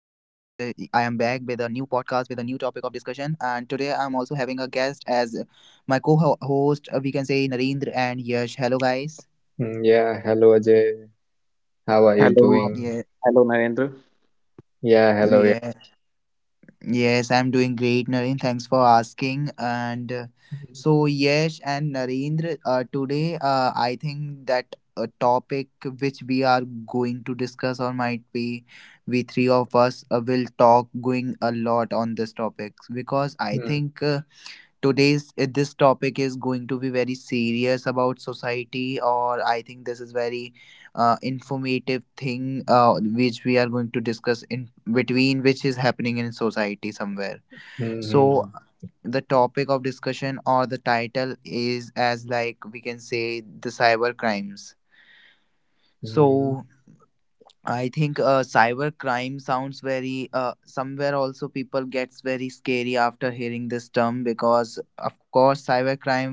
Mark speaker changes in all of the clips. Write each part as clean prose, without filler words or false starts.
Speaker 1: topic of discussion. And today I'm also having a guest as my co host, we can say Narendra and Yash. Hello, guys.
Speaker 2: Yeah, hello Ajay. How are you
Speaker 1: Yeah,
Speaker 3: Hello,
Speaker 2: doing?
Speaker 3: hello, Narendra.
Speaker 2: Yeah, hello
Speaker 1: yeah.
Speaker 2: Yash.
Speaker 1: Yes, I'm doing great, Naren. Thanks for asking. And so, Yash and Narendra, today, I think that a topic which we are going to discuss, or might be we three of us will talk going a lot on this topic, because I
Speaker 2: Mm,
Speaker 1: think today's, this topic is going to be very serious about society. Or I think this is very informative thing, which we are going to discuss in between, which is happening in society somewhere. So
Speaker 2: mhm,
Speaker 1: the topic of discussion or the title is, as like we can say, the cyber crimes.
Speaker 2: mhm.
Speaker 1: So I think cyber crime sounds very somewhere also people gets very scary after hearing this term, because of course cyber crime,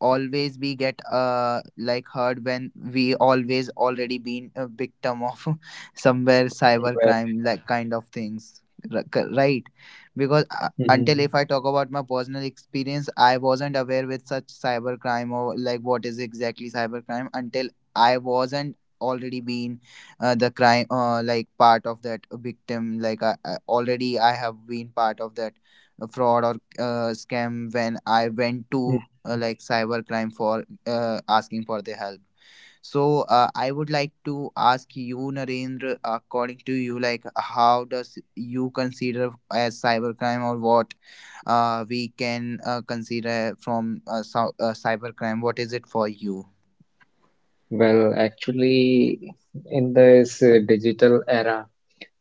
Speaker 1: always we get like hurt when we always already been a victim of somewhere cyber
Speaker 2: Well,
Speaker 1: crime
Speaker 2: yeah.
Speaker 1: like kind of things, right. Because until
Speaker 2: Mhm,
Speaker 1: if I talk about my personal experience, I wasn't aware with such cyber crime or like what is exactly cyber crime until I wasn't already been the crime, like part of that victim, like I already I have been part of that a fraud or scam when I went to
Speaker 2: mhm.
Speaker 1: like cybercrime for asking for the help. So I would like to ask you, Narendra, according to you, like, how does you consider as cybercrime, or what we can consider from cybercrime? What is it for you?
Speaker 2: Well, actually, in this digital era,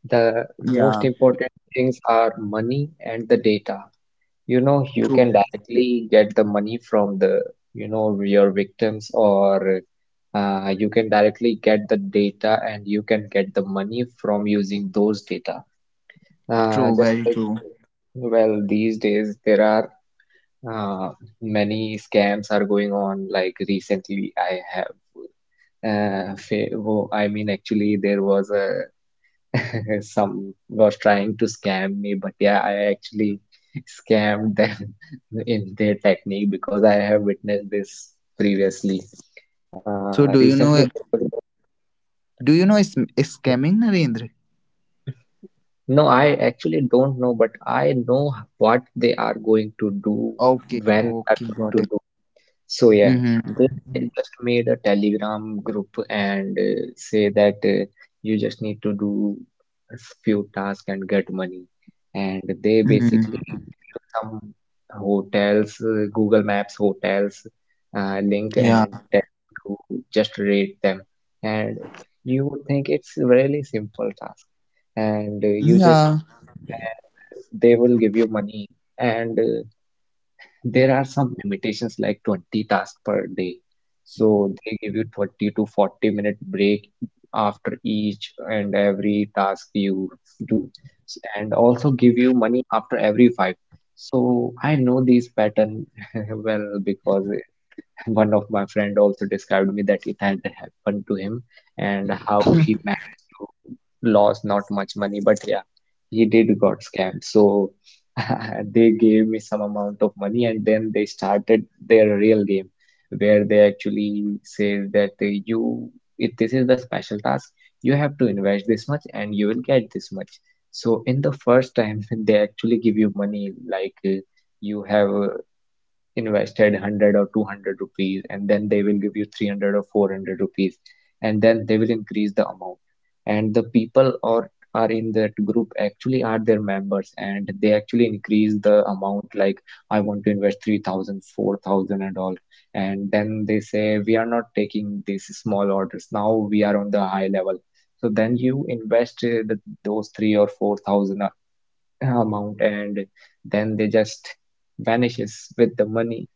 Speaker 2: the most
Speaker 1: Yeah,
Speaker 2: important things are money and the data. You know, you
Speaker 1: true,
Speaker 2: can directly get the money from you know, your victims or you can directly get the data and you can get the money from using those data. Uh,
Speaker 1: true,
Speaker 2: just
Speaker 1: very
Speaker 2: like,
Speaker 1: true.
Speaker 2: uh, these days there are uh, many scams are going on. Like recently, I have, fa wo- I mean, actually, there was a some was trying to scam me, but yeah, I actually scammed them in their technique because I have witnessed this previously.
Speaker 1: So do
Speaker 2: Recently,
Speaker 1: you
Speaker 2: there
Speaker 1: know?
Speaker 2: was a
Speaker 1: Do you know is scamming, Narendra?
Speaker 2: No, I actually don't know, but I know what they are going to do,
Speaker 1: Okay,
Speaker 2: when they are
Speaker 1: okay,
Speaker 2: going
Speaker 1: got
Speaker 2: to
Speaker 1: it.
Speaker 2: do. So yeah,
Speaker 1: Mm-hmm.
Speaker 2: they just made a Telegram group and say that you just need to do a few tasks and get money. And they basically
Speaker 1: Mm-hmm.
Speaker 2: give you some hotels, Google Maps hotels link
Speaker 1: Yeah.
Speaker 2: and tell you to just rate them. And you would think it's really simple task and you just
Speaker 1: Yeah.
Speaker 2: do it and they will give you money and there are some limitations like 20 tasks per day, so they give you 20 to 40 minute break after each and every task you do. And also give you money after every five, so I know this pattern well because one of my friend also described me that it had happened to him and how he managed to lose not much money, but yeah, he did got scammed. So they gave me some amount of money and then they started their real game where they actually say that if this is the special task, you have to invest this much and you will get this much. So in the first time, they actually give you money like you have invested 100 or 200 rupees and then they will give you 300 or 400 rupees, and then they will increase the amount. And the people or are in that group actually are their members and they actually increase the amount like I want to invest 3,000, 4,000, and all, and then they say we are not taking these small orders, now we are on the high level. So then you invest those 3 or 4,000 amount and then they just vanishes with the money,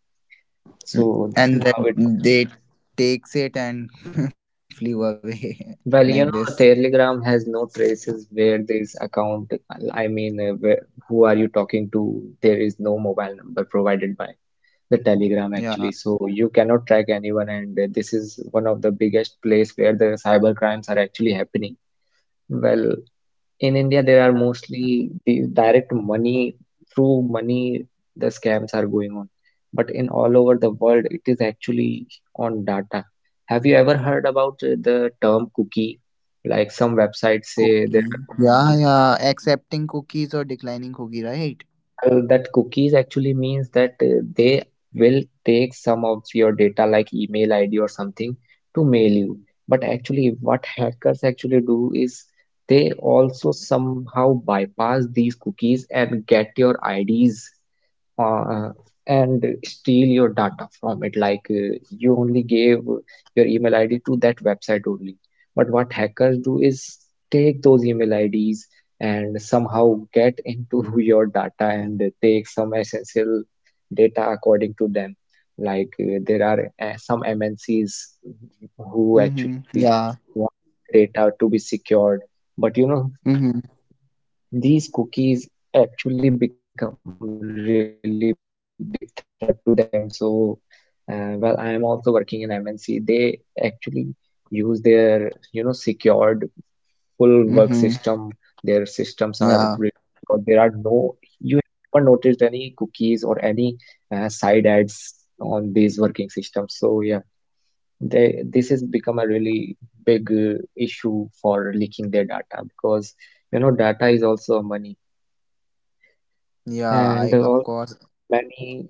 Speaker 2: so this is
Speaker 1: And
Speaker 2: how
Speaker 1: then
Speaker 2: it
Speaker 1: they
Speaker 2: works. Mhm.
Speaker 1: takes it and flew away like
Speaker 2: Well,
Speaker 1: this.
Speaker 2: you know, Telegram has no traces where this account. Where, who are you talking to? There is no mobile number provided by the Telegram
Speaker 1: Yeah.
Speaker 2: actually. So you cannot track anyone, and this is one of the biggest place where the cyber crimes are actually happening. Well, in India, there are mostly these direct money through money the scams are going on. But in all over the world, it is actually on data. Have you ever heard about the term cookie? Like some websites say there are
Speaker 1: Cookie. Yeah,
Speaker 2: cookies.
Speaker 1: yeah. Accepting cookies or declining cookie, right?
Speaker 2: Well, that cookies actually means that they will take some of your data like email ID or something to mail you. But actually, what hackers actually do is they also somehow bypass these cookies and get your IDs uh, and steal your data from it. Like you only gave your email ID to that website only. But what hackers do is take those email IDs and somehow get into your data and take some essential data according to them. Like there are some MNCs who
Speaker 1: Mm-hmm.
Speaker 2: actually
Speaker 1: Yeah.
Speaker 2: wants their data to be secured. But you know,
Speaker 1: Mm-hmm.
Speaker 2: these cookies actually become really big threat to them. So, well, I'm also working in MNC. They actually use their, you know, secured full work system. Their systems
Speaker 1: Mm-hmm.
Speaker 2: are really secured. There are no,
Speaker 1: Yeah.
Speaker 2: you have never noticed any cookies or any side ads on these working systems. So, yeah, this has become a really big issue for leaking their data because, you know, data is also money.
Speaker 1: Yeah,
Speaker 2: And
Speaker 1: I of
Speaker 2: also
Speaker 1: course
Speaker 2: there are many.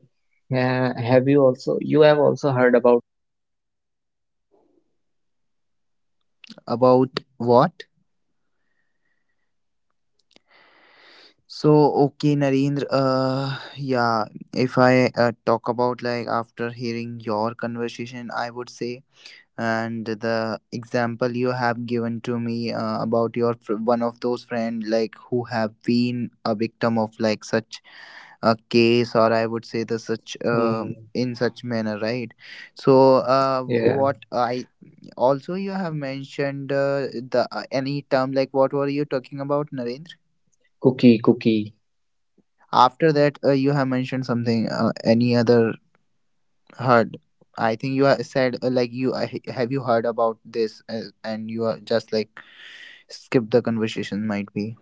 Speaker 2: Have you also you have also heard about
Speaker 1: about what? So okay, Narendra. Yeah. If I talk about, like, after hearing your conversation, I would say, and the example you have given to me about your one of those friend, like, who have been a victim of like such a case, or I would say the such
Speaker 2: mm,
Speaker 1: in such manner, right, so
Speaker 2: yeah,
Speaker 1: what I also you have mentioned the any term, like, what were you talking about, Narendra?
Speaker 2: cookie?
Speaker 1: After that you have mentioned something, any other heard. I think you said like you have, you heard about this and you are just like skip the conversation, might be.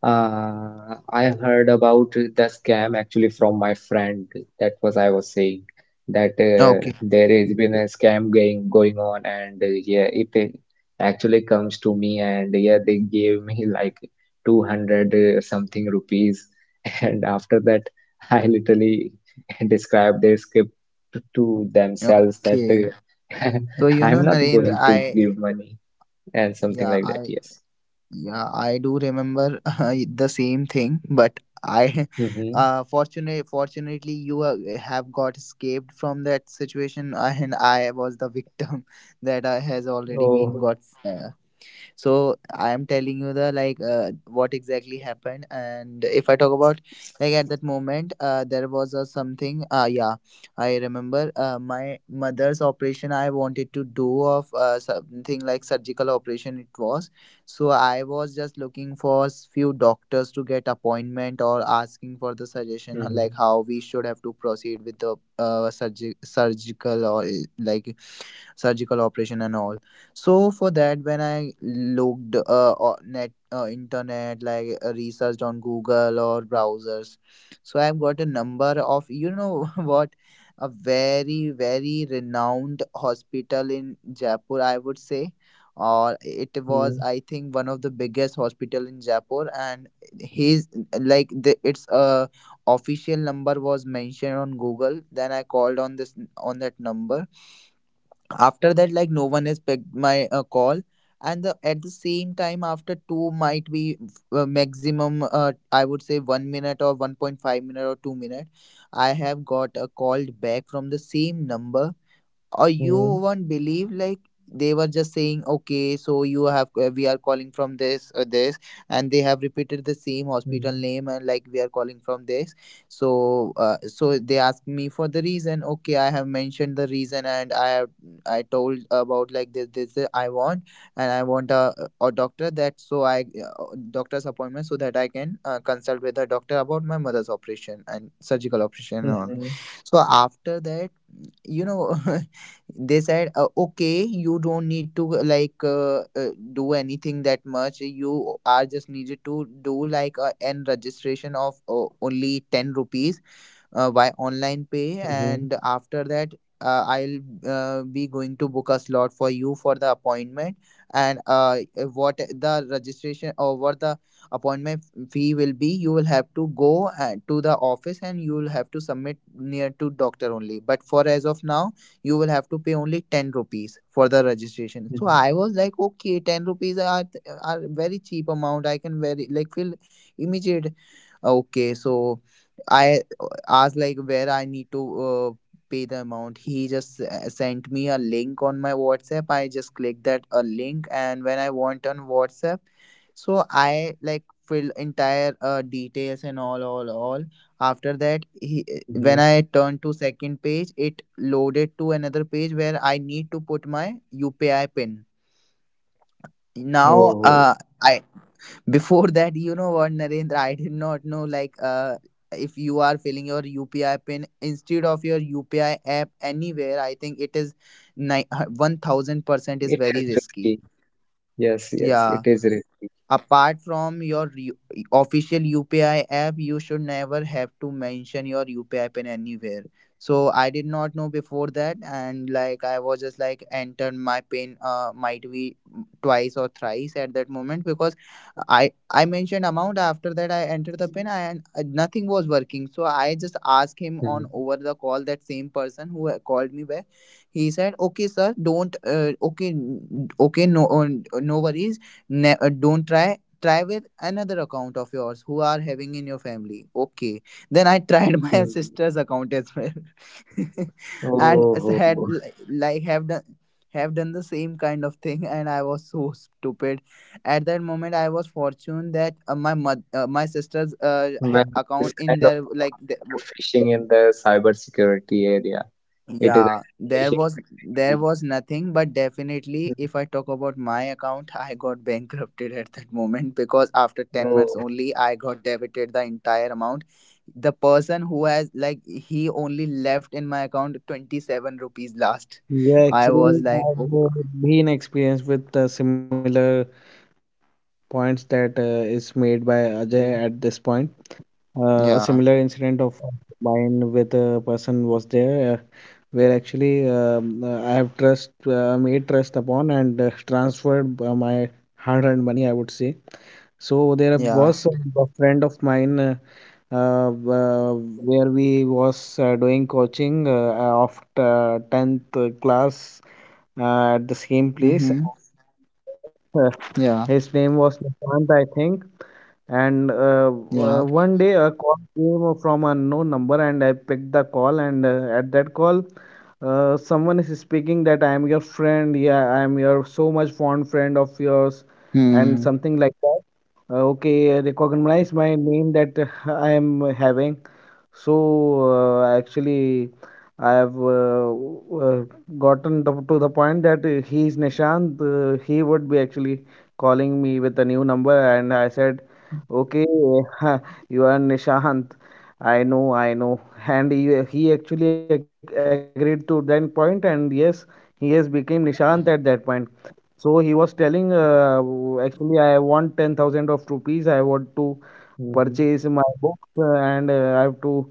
Speaker 2: I heard about the scam actually from my friend. That was I was saying that
Speaker 1: Okay,
Speaker 2: there has been a scam going on, and yeah, it actually comes to me, and yeah, they gave me like 200 something rupees, and after that, I literally described their script to themselves that
Speaker 1: okay, so, you
Speaker 2: I'm
Speaker 1: know,
Speaker 2: not
Speaker 1: Narendra,
Speaker 2: going to give money and something
Speaker 1: yeah
Speaker 2: like
Speaker 1: i
Speaker 2: that. Yes.
Speaker 1: yeah I do remember, the same thing. But I
Speaker 2: Mm-hmm.
Speaker 1: fortunately you have got escaped from that situation. And I was the victim that I has already been
Speaker 2: So.
Speaker 1: got, uh, so I am telling you the, like, what exactly happened. And if I talk about, like, at that moment, there was a something, yeah, I remember, my mother's operation I wanted to do of, something like surgical operation, it was. So I was just looking for few doctors to get appointment or asking for the suggestion on, like,
Speaker 2: mhm.
Speaker 1: how we should have to proceed with the surgical or like surgical operation and all. So for that, when I looked net, internet, like, researched on Google or browsers, so I've got a number of, you know, what a very very renowned hospital in Jaipur, I would say. Or it was,
Speaker 2: Mhm,
Speaker 1: I think, one of the biggest hospital in Jaipur. And his, like, the, its official number was mentioned on Google. Then I called on this on that number. After that, like, no one has picked my call. And at the same time, after two, might be, maximum, I would say, 1 minute or 1.5 minute or 2 minute, I have got a call back from the same number. Or you
Speaker 2: mhm,
Speaker 1: won't believe, like, they were just saying, okay, so you have, we are calling from this or this. And they have repeated the same hospital
Speaker 2: mhm,
Speaker 1: name and, like, we are calling from this. So so they asked me for the reason. Okay, I have mentioned the reason, and I told about, like, this I want, and i want a, a doctor, that so I doctor's appointment, so that I can consult with the doctor about my mother's operation and surgical operation and all.
Speaker 2: mhm,
Speaker 1: So after that, you know they said, okay, you don't need to, like, do anything that much, you are just needed to do, like, an registration of only 10 rupees, by online pay.
Speaker 2: mhm,
Speaker 1: And after that, I'll be going to book a slot for you for the appointment. And what the registration or what the appointment fee will be, you will have to go to the office, and you will have to submit near to doctor only. But for as of now, you will have to pay only 10 rupees for the registration. So
Speaker 2: mhm,
Speaker 1: I was like, okay, 10 rupees are very cheap amount, I can very, like, feel immediate. Okay, so I asked, like, where I need to pay the amount. He just sent me a link on my WhatsApp. I just click that a link, and when I want on WhatsApp, so I, like, fill entire details and all, all. After that, he when
Speaker 2: mhm.
Speaker 1: I turn to second page, it loaded to another page where I need to put my UPI pin. Now
Speaker 2: Oh,
Speaker 1: I before that, you know what, Narendra, I did not know, like, if you are filling your UPI pin instead of your UPI app anywhere, I think it is 1000% is
Speaker 2: it
Speaker 1: very
Speaker 2: is
Speaker 1: risky.
Speaker 2: risky. Yes, yes,
Speaker 1: Yeah.
Speaker 2: it is risky.
Speaker 1: Apart from your official UPI app, you should never have to mention your UPI pin anywhere. So I did not know before that, and, like, I was just, like, entered my pin, might be twice or thrice at that moment because I I mentioned amount. After that I entered the pin and nothing was working. So I just asked him on
Speaker 2: Mhm,
Speaker 1: over the call, that same person who called me back. He said, "Okay, sir, don't. Okay, okay, no, no worries. Don't try with another account of yours who are having in your family." Okay, then I tried my
Speaker 2: mhm.
Speaker 1: sister's account as well. And as had
Speaker 2: Oh,
Speaker 1: like have done the same kind of thing, and I was so stupid at that moment. I was fortunate that my sister's
Speaker 2: well, this
Speaker 1: account, in
Speaker 2: kind of
Speaker 1: their,
Speaker 2: thing
Speaker 1: like,
Speaker 2: also
Speaker 1: the,
Speaker 2: called phishing in the cybersecurity area. It is
Speaker 1: yeah,
Speaker 2: actually
Speaker 1: there
Speaker 2: phishing
Speaker 1: was
Speaker 2: where
Speaker 1: there
Speaker 2: you.
Speaker 1: was nothing, but definitely
Speaker 2: Mhm.
Speaker 1: if I talk about my account, I got bankrupted at that moment because after 10 months
Speaker 2: Oh.
Speaker 1: only I got debited the entire amount. The person who has, like, he only left in my account 27 rupees last.
Speaker 3: Yeah,
Speaker 1: I
Speaker 3: actually,
Speaker 1: was like,
Speaker 3: I've
Speaker 1: oh,
Speaker 3: been experienced with similar points that is made by Ajay at this point.
Speaker 2: Mhm,
Speaker 3: A similar incident of
Speaker 1: yeah,
Speaker 3: mine with a person was there, where actually I have trust made trust upon and transferred my hard-earned money, I would say. So there
Speaker 1: yeah.
Speaker 3: was a friend of mine uh, uh, where we was doing coaching of 10th class at the
Speaker 1: Mm-hmm.
Speaker 3: same place. Uh,
Speaker 1: Yeah,
Speaker 3: his name was Nishant, I think. And
Speaker 1: yeah.
Speaker 3: 1 day a call came from a unknown number, and I picked the call. And at that call, someone is speaking that I am your friend. Yeah, I am your so much fond friend of yours, and
Speaker 1: Hmm.
Speaker 3: something like that. Okay, recognize my name that I am having. So actually, I have uh, gotten to the point that he is Nishant. He would be actually calling me with a new number, and I said, "Okay, you are Nishant." I know, and he actually agreed to that point, and yes, he has became Nishant at that point. So he was telling, actually, I want 10,000 of rupees. I want to
Speaker 2: mhm,
Speaker 3: purchase my books and I have to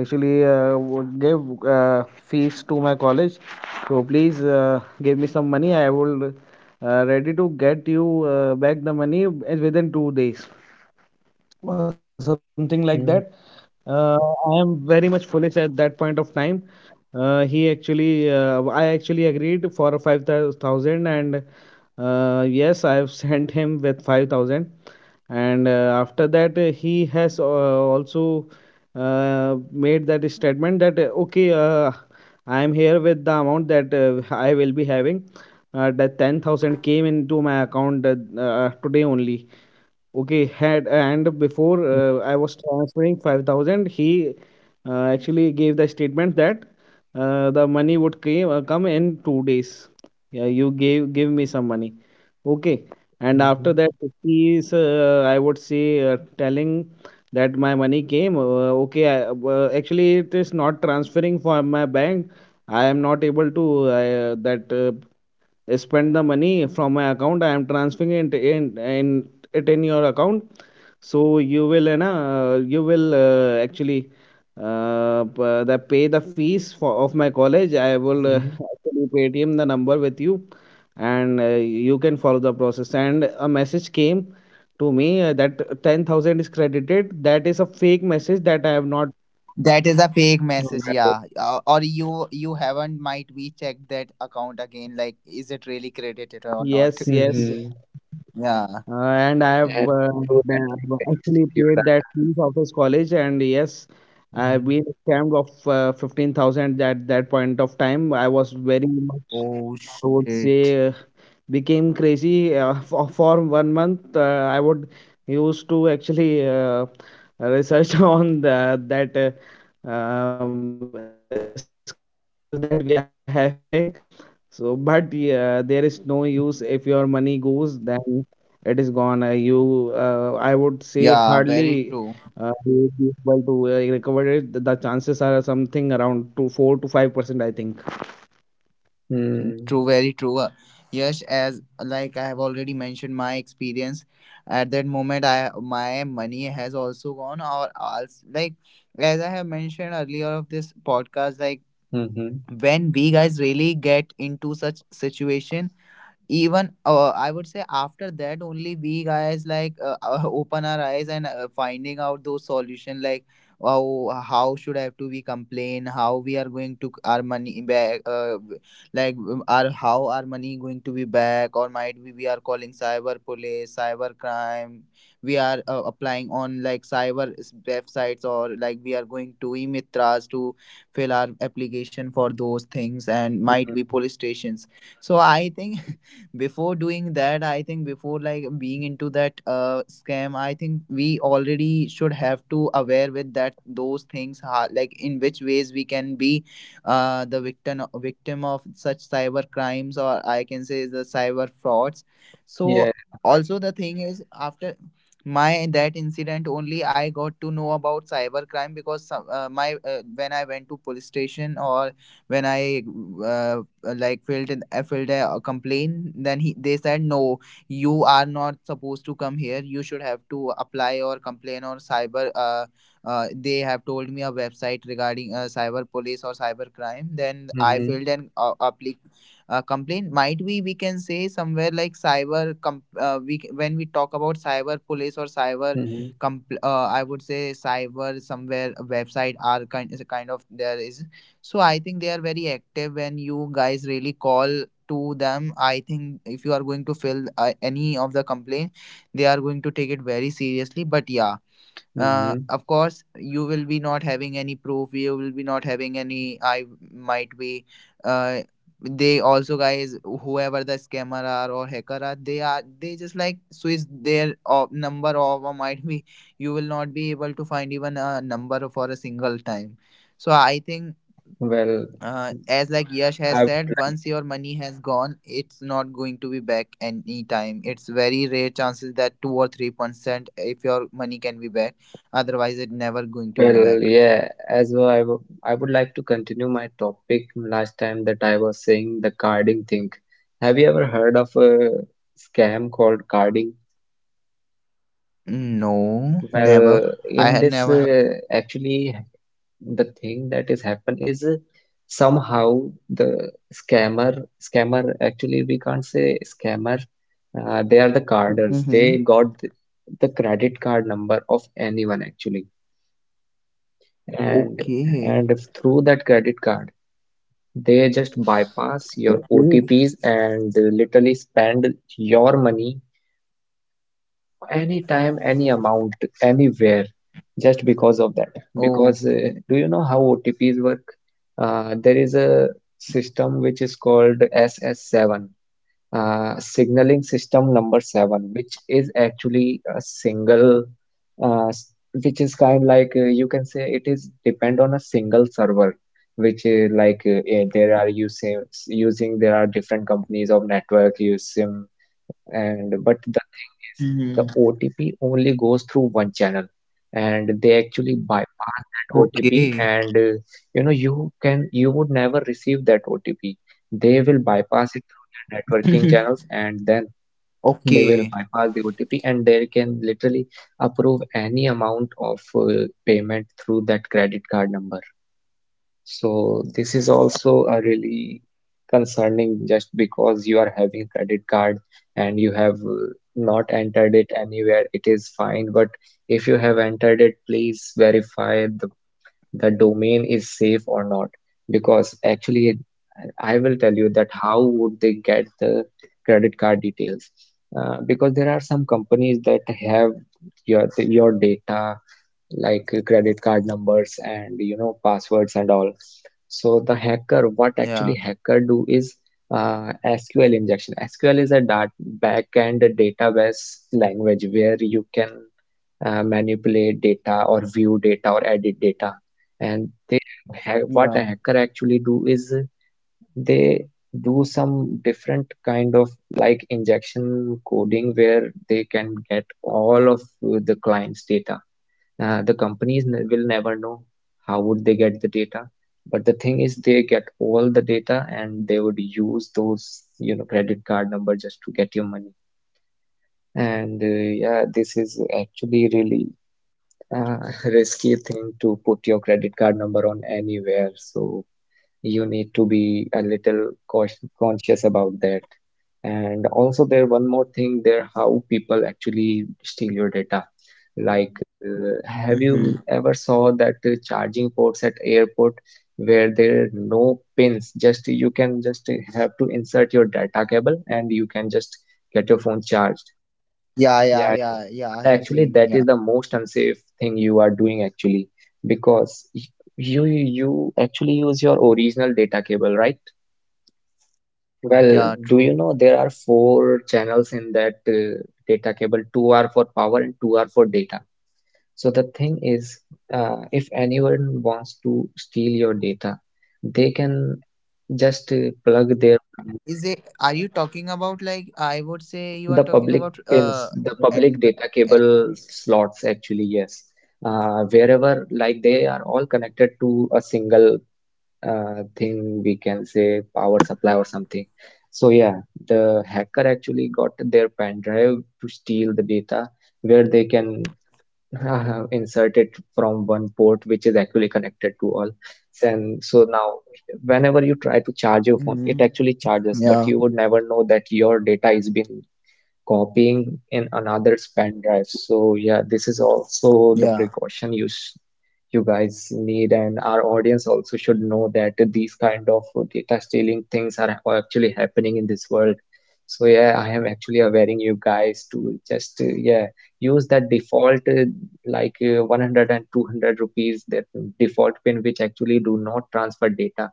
Speaker 3: actually give fees to my college. So please give me some money. I will ready to get you back the money within 2 days or something like that.
Speaker 2: mhm,
Speaker 3: Uh, I am very much foolish at that point of time. I actually agreed for 5,000 and yes, I have sent him with 5,000. And after that, he has also made that statement that, okay, I am here with the amount that I will be having. The 10,000 came into my account today only. Okay, had and before
Speaker 2: mhm,
Speaker 3: I was transferring 5,000, he actually gave the statement that the money would come in 2 days. Yeah, you gave give me some money. Okay, and
Speaker 2: mhm,
Speaker 3: after that, he is I would say telling that my money came. Actually it is not transferring from my bank. I am not able to that spend the money from my account. I am transferring it in your account, so you know, you will actually the pay the fees for of my college. I will
Speaker 2: mhm.
Speaker 3: actually paytm the number with you, and you can follow the process. And a message came to me that 10,000 is credited. That is a fake message that I have not.
Speaker 1: That is a fake message,
Speaker 2: Well,
Speaker 1: yeah. Or you haven't might be checked that account again, like, is it really credited or not?
Speaker 3: Yes, yes.
Speaker 2: mhm.
Speaker 1: Yeah.
Speaker 3: And I have
Speaker 2: And through that
Speaker 3: been-
Speaker 2: link, they'll steal
Speaker 3: actually
Speaker 2: your
Speaker 3: paid that fees of his college, and yes,
Speaker 2: data.
Speaker 3: I've been scammed of 15,000 at that point of time. I was very much,
Speaker 1: Oh
Speaker 3: I would
Speaker 1: shit.
Speaker 3: say, became crazy for 1 month. I would used to actually research on that scammers that we are having. So, but yeah, there is no use. If your money goes, then it is gone. I would say
Speaker 1: Yeah, very
Speaker 3: hardly
Speaker 1: true.
Speaker 3: you would be able to recover it. The chances are something around to 4 to 5%, I think.
Speaker 2: Mm.
Speaker 1: True, very true. Yes, as like I have already mentioned my experience at that moment, I my money has also gone. Or else, like, as I have mentioned earlier of this podcast, like,
Speaker 2: Mhm.
Speaker 1: when we guys really get into such situation. Even, I would say, after that only we guys, like, open our eyes and finding out those solution, like, wow, how should I have to we complain, how we are going to our money back, like our, how our money going to be back, or might be we are calling cyber police, cyber crime, we are applying on like cyber websites, or, like, we are going to emitras to fill our application for those things, and might be
Speaker 2: Mhm.
Speaker 1: police stations. So I think before doing that, I think before, like, being into that scam, I think we already should have to aware with that those things how, like, in which ways we can be the victim of such cyber crimes, or I can say, the cyber frauds.
Speaker 2: Yeah,
Speaker 1: So
Speaker 2: yeah. Well.
Speaker 1: also the thing is, after my that incident only I got to know about cyber crime because some, my when I went to police station, or when I like filled in I filled a complaint, then he they said, no, you are not supposed to come here, you should have to apply or complain or cyber, they have told me a website regarding cyber police or cyber crime. Then I
Speaker 2: Mhm.
Speaker 1: filled an complaint, might be we can say somewhere like cyber when we talk about cyber police or cyber
Speaker 2: Mhm.
Speaker 1: I would say cyber somewhere website are kind, is a kind of there is. So I think they are very active when you guys really call to them. I think if you are going to fill any of the complaint, they are going to take it very seriously. But yeah,
Speaker 2: Mhm.
Speaker 1: of course, you will be not having any proof. You will be not having any, I might be. Uh, they also guys, whoever the scammer are or hacker are, they just, like, switch their number off, or might be you will not be able to find even a number for a single time. So I think,
Speaker 2: Well,
Speaker 1: as like Yash has
Speaker 2: I would
Speaker 1: said,
Speaker 2: like
Speaker 1: once
Speaker 2: to.
Speaker 1: your money has gone, it's not going to be back anytime. It's very rare chances that 2 or 3%, if your money can be back. Otherwise, it never going to be back.
Speaker 2: Well, yeah. As well, I would. I would like to continue my topic last time that I was saying the carding thing. Have you ever heard of a scam called carding?
Speaker 1: No, never.
Speaker 2: Well,
Speaker 1: I
Speaker 2: in
Speaker 1: had
Speaker 2: this
Speaker 1: never heard.
Speaker 2: actually the thing that is happen is somehow the scammer actually we can't say scammer, they are the carders,
Speaker 1: Mm-hmm.
Speaker 2: they got the credit card number of anyone actually. And
Speaker 1: Okay.
Speaker 2: if through that credit card they just bypass your
Speaker 1: Okay.
Speaker 2: OTPs and literally spend your money. Anytime, any amount, anywhere, just because of that.
Speaker 1: Oh.
Speaker 2: Because do you know how OTPs work? There is a system which is called SS7, signaling system number 7, which is actually a single, uh, s- which is kind like you can say it is depend on a single server, which is like there are using, there are different companies of network using. And but the thing is the
Speaker 1: Hmm.
Speaker 2: OTP only goes through one channel and they actually bypass that OTP,
Speaker 1: Okay.
Speaker 2: and you know, you can, you would never receive that OTP. They will bypass it through their networking channels and then they will
Speaker 1: Okay.
Speaker 2: bypass the OTP and they can literally approve any amount of payment through that credit card number. So this is also a really concerning, just because you are having credit card and you have not entered it anywhere, it is fine. But if you have entered it, please verify the domain is safe or not. Because I will tell you that how would they get the credit card details? Because there are some companies that have your data like credit card numbers and you know passwords and all. So the hacker, what actually
Speaker 1: Yeah.
Speaker 2: hacker do is SQL injection. SQL is a dat backend database language where you can manipulate data or view data or edit data. And there, the ha what a
Speaker 1: Yeah.
Speaker 2: hacker actually do is they do some different kind of like injection coding where they can get all of the client's data. The companies will never know how would they get the data. But the thing is, they get all the data and they would use those, you know, credit card number just to get your money. And yeah, this is actually really uh, risky thing to put your credit card number on anywhere. So you need to be a little cautious, conscious about that. And also, there one more thing there, how people actually steal your data. Like, have you
Speaker 1: Mm-hmm.
Speaker 2: ever saw that charging ports at airport where there are no pins? Just you can just have to insert your data cable and you can just get your phone charged.
Speaker 1: Yeah. Yeah.
Speaker 2: Yeah, yeah.
Speaker 1: Yeah. Yeah.
Speaker 2: But
Speaker 1: I have
Speaker 2: actually,
Speaker 1: seen.
Speaker 2: that is
Speaker 1: Yeah.
Speaker 2: the most unsafe thing you are doing actually, because you actually use your original data cable, right? Well,
Speaker 1: Yeah.
Speaker 2: do you
Speaker 1: True.
Speaker 2: know there are four channels in that data cable? Two are for power and two are for data. So the thing is, if anyone wants to steal your data, they can just plug their pen
Speaker 1: Is it?
Speaker 2: drives.
Speaker 1: Are you talking about, like, I would say, you are
Speaker 2: The
Speaker 1: talking
Speaker 2: public
Speaker 1: about
Speaker 2: pins, the public
Speaker 1: Android?
Speaker 2: data cable slots, actually, yes. Wherever, like they are all connected to a single thing, we can say power supply or something. So, yeah, the hacker actually got their pen drive to steal the data where they can insert it from one port, which is actually connected to all. And so now, whenever
Speaker 1: Hmm.
Speaker 2: you try to
Speaker 1: Yeah,
Speaker 2: charge your phone, it actually charges, but you would never know that your data is being copying in another's pen drive. So yeah,
Speaker 1: yeah.
Speaker 2: this is also the precaution you guys need, and our audience also should know that these kind of data stealing things are actually happening in this world. So yeah, I am actually awareing you guys to just yeah use that default 100 rupees that default pin which actually do not transfer data.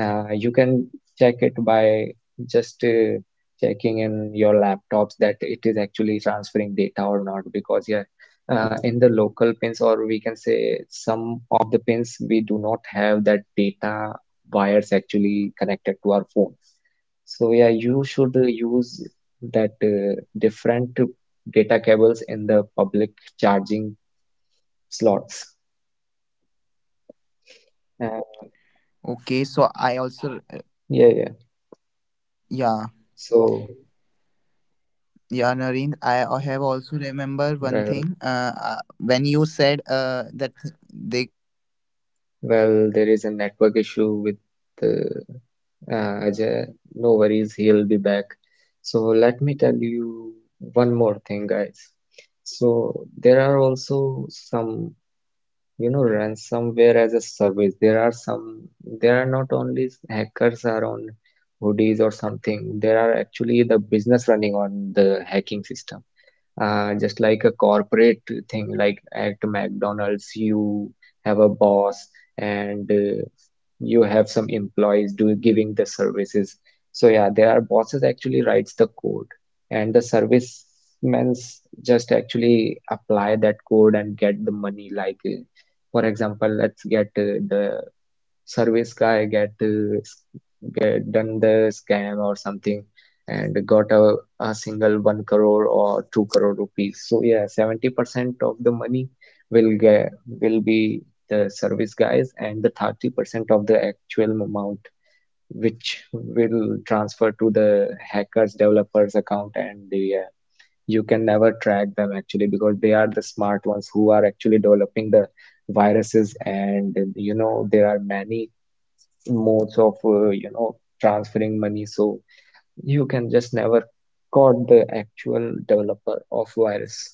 Speaker 2: You can check it by just checking in your laptops that it is actually transferring data or not, because yeah, in the local pins, or we can say some of the pins, we do not have that data wires actually connected to our phone. So yeah, you should use that different data cables in the public charging slots. uh,
Speaker 1: Okay, so I also yeah,
Speaker 2: yeah, yeah.
Speaker 1: yeah,
Speaker 2: so
Speaker 1: Naren, I have also remember one thing. When you
Speaker 2: well
Speaker 1: said that they like they pass
Speaker 2: Well, there is
Speaker 1: bypass
Speaker 2: a
Speaker 1: some
Speaker 2: network
Speaker 1: kind of,
Speaker 2: issue
Speaker 1: right?
Speaker 2: with uh, Ajay. No worries, he'll be back. So let me tell you one more thing, guys. So there are also some, you know, ransomware as a service. There are not only hackers are on hoodies or something. There are actually the business running on the hacking system, just like a corporate thing, like at McDonald's you have a boss, and you have some employees do giving the services. So yeah, there are bosses actually writes the code, and the servicemen just actually apply that code and get the money. Like for example, let's get the service guy get done the scam or something, and got a single one crore or two crore rupees. So yeah, 70% of the money will get will be the service guys, and the 30% of the actual amount which will transfer to the hackers developers account. And the you can never track them actually, because they are the smart ones who are actually developing the viruses. And you know, there are many modes of you know, transferring money. So you can just never caught the actual developer of virus.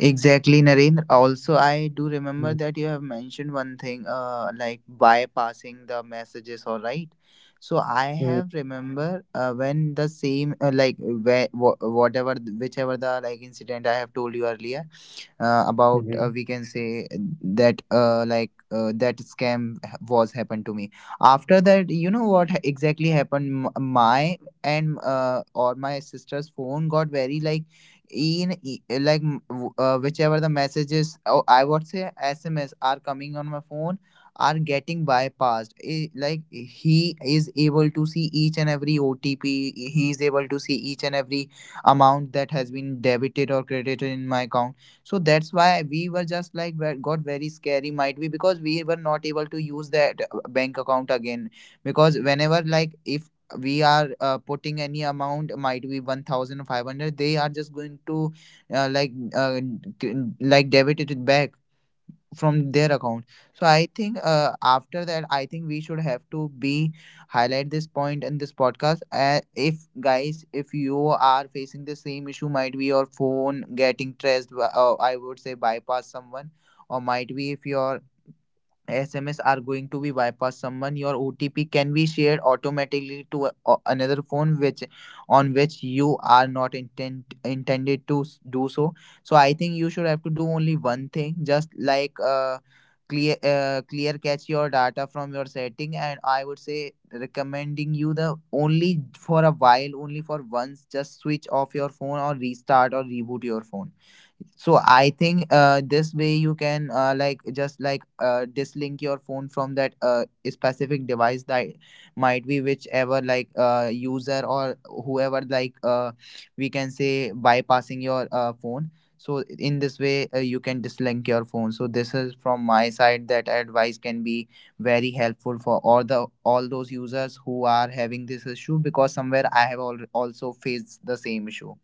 Speaker 4: Exactly, Narendra. Also, I do remember
Speaker 2: Mm,
Speaker 4: that you have mentioned one thing, like bypassing the messages, all right. So I have
Speaker 2: mm,
Speaker 4: remember when the same, like where, whatever, whichever the like incident I have told you earlier about
Speaker 2: mhm.
Speaker 4: we can say that like that scam was happened to me after that exactly happened. My and or my sister's phone got very like in like whichever the messages, or I would say SMS are coming on my phone, are getting bypassed. Like, he is able to see each and every OTP. He is able to see each and every amount that has been debited or credited in my account. So that's why we were just like got very scary, might be because we were not able to use that bank account again, because whenever like if we are putting any amount, might be 1500, they are just going to uh, like uh, d- like debit it back from their account. So I think after that, I think we should have to be highlight this point in this podcast. If guys, if you are facing the same issue, might be your phone getting traced, I would say bypass someone, or might be if your SMS are going to be bypassed. Someone, your OTP can be shared automatically to a, another phone, which on which you are not intent intended to do so. So I think you should have to do only one thing, just like clear catch your data from your setting. And I would say recommending you the only for a while, only for once, just switch off your phone or restart or reboot your phone. So I think this way you can like just like dislink your phone from that specific device, that might be whichever like user, or whoever like we can say bypassing your phone. So in this way you can dislink your phone. So this is from my side that advice can be very helpful for all the all those users who are having this issue, because somewhere I have also faced the same issue.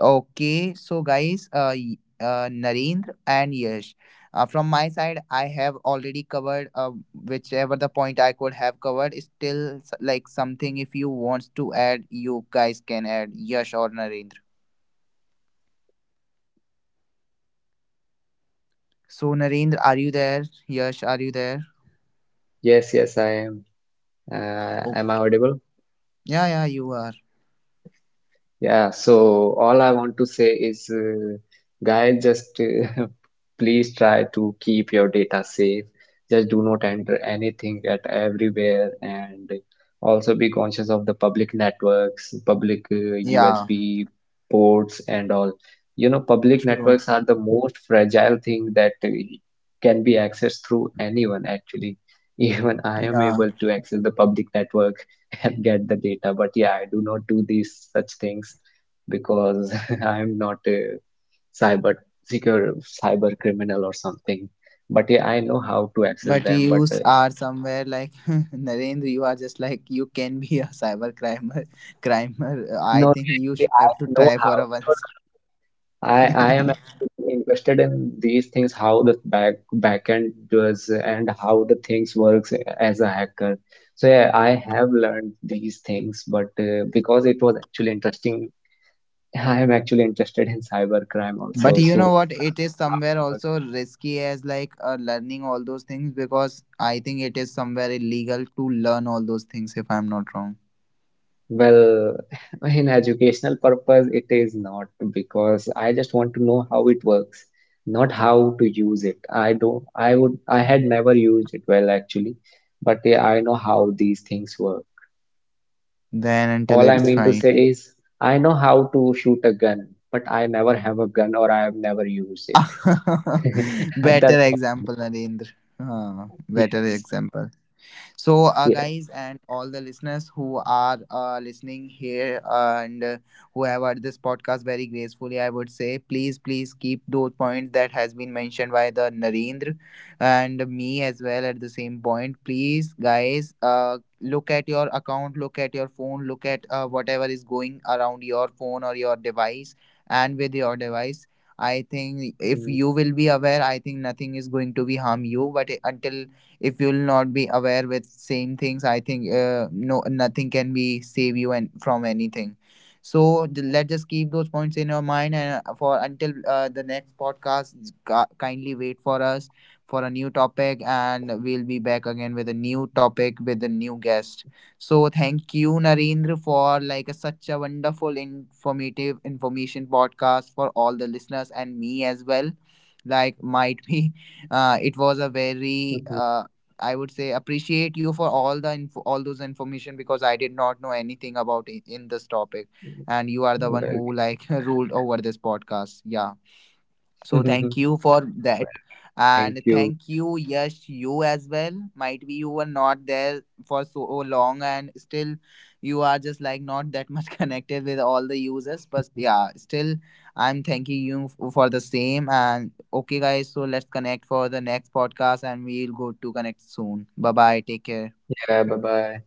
Speaker 4: Okay, so guys, Narendra and Yash, from my side, I have already covered whichever the point I could have covered. Still, like something if you want to add, you guys can add Yash or Narendra. So Narendra, are you there? Yash, are you there?
Speaker 2: Yes, yes, I am.
Speaker 4: Oh,
Speaker 2: Am I audible?
Speaker 4: yeah, yeah, you are.
Speaker 2: Yeah, so all I want to say is, guys, just please try to keep your data safe. Just do not enter anything at everywhere, and also be conscious of the public networks, public
Speaker 4: Yeah,
Speaker 2: USB ports, and all. You know, public
Speaker 4: true.
Speaker 2: networks are the most fragile thing that can be accessed through anyone, actually. Even I am
Speaker 4: Yeah,
Speaker 2: able to access the public network and get the data. But yeah, I do not do these such things, because I'm not a cyber secure cyber criminal or something. But yeah, I know how to access
Speaker 4: but
Speaker 2: them. But
Speaker 4: are somewhere like Narendra. You are just like you can be a cyber crimer. Crimer. I
Speaker 2: No, no,
Speaker 4: think you
Speaker 2: actually,
Speaker 4: should have
Speaker 2: I
Speaker 4: to
Speaker 2: know
Speaker 4: try for
Speaker 2: how,
Speaker 4: a one.
Speaker 2: because I am actually really interested in these things, how the backend does and how the things works as a hacker. So yeah, I have learned these things, but because it was actually interesting, I am actually interested in cybercrime
Speaker 4: But
Speaker 2: also.
Speaker 4: you know
Speaker 2: So
Speaker 4: what?
Speaker 2: yeah,
Speaker 4: It
Speaker 2: I
Speaker 4: is
Speaker 2: know how
Speaker 4: somewhere
Speaker 2: it
Speaker 4: also
Speaker 2: works.
Speaker 4: risky as like learning all those things, because I think it is somewhere illegal to learn all those things if I'm not wrong.
Speaker 2: Well, in educational purpose, it is not, because I just want to know how it works, not how to use it. I don't, I would, I had never used it well actually, but yeah, I know how these things work.
Speaker 4: Then until
Speaker 2: All I
Speaker 4: it's
Speaker 2: mean to
Speaker 4: fine.
Speaker 2: say is, I know how to shoot a gun, but I never have a gun, or I have never used it.
Speaker 4: Better
Speaker 2: That's what I
Speaker 4: example,
Speaker 2: mean.
Speaker 4: Narendra. Huh, better
Speaker 2: Yes,
Speaker 4: example. So,
Speaker 2: yes.
Speaker 4: guys, and all the listeners who are listening here and who have heard this podcast very gracefully, I would say, please, please keep those points that has been mentioned by the Narendra and me as well at the same point. Please, guys, look at your account, look at your phone, look at whatever is going around your phone or your device, and with your device. I think if
Speaker 2: Mm,
Speaker 4: you will be aware, I think nothing is going to be harm you. But until if you'll not be aware with same things, I think nothing can be save you and from anything. So let's just keep those points in your mind. And for until the next podcast, kindly wait for us for a new topic, and we'll be back again with a new topic with a new guest. So thank you, Narendra, for like a, such a wonderful informative information podcast, for all the listeners and me as well, like might be it was a very
Speaker 2: mhm.
Speaker 4: I would say appreciate you for all the info, all those information, because I did not know anything about in this topic, and you are the one
Speaker 2: Well,
Speaker 4: who
Speaker 2: yeah.
Speaker 4: like ruled over this podcast. Yeah. So thank you for that.
Speaker 2: Well, thank
Speaker 4: And thank
Speaker 2: you.
Speaker 4: you, Yash, you as well. Might be you were not there for so long, and still you are just like not that much connected with all the users. But yeah, still I'm thanking you for the same. And okay, guys, so let's connect for the next podcast, and we'll go to connect soon. Bye bye. Take care.
Speaker 2: Yeah, bye bye.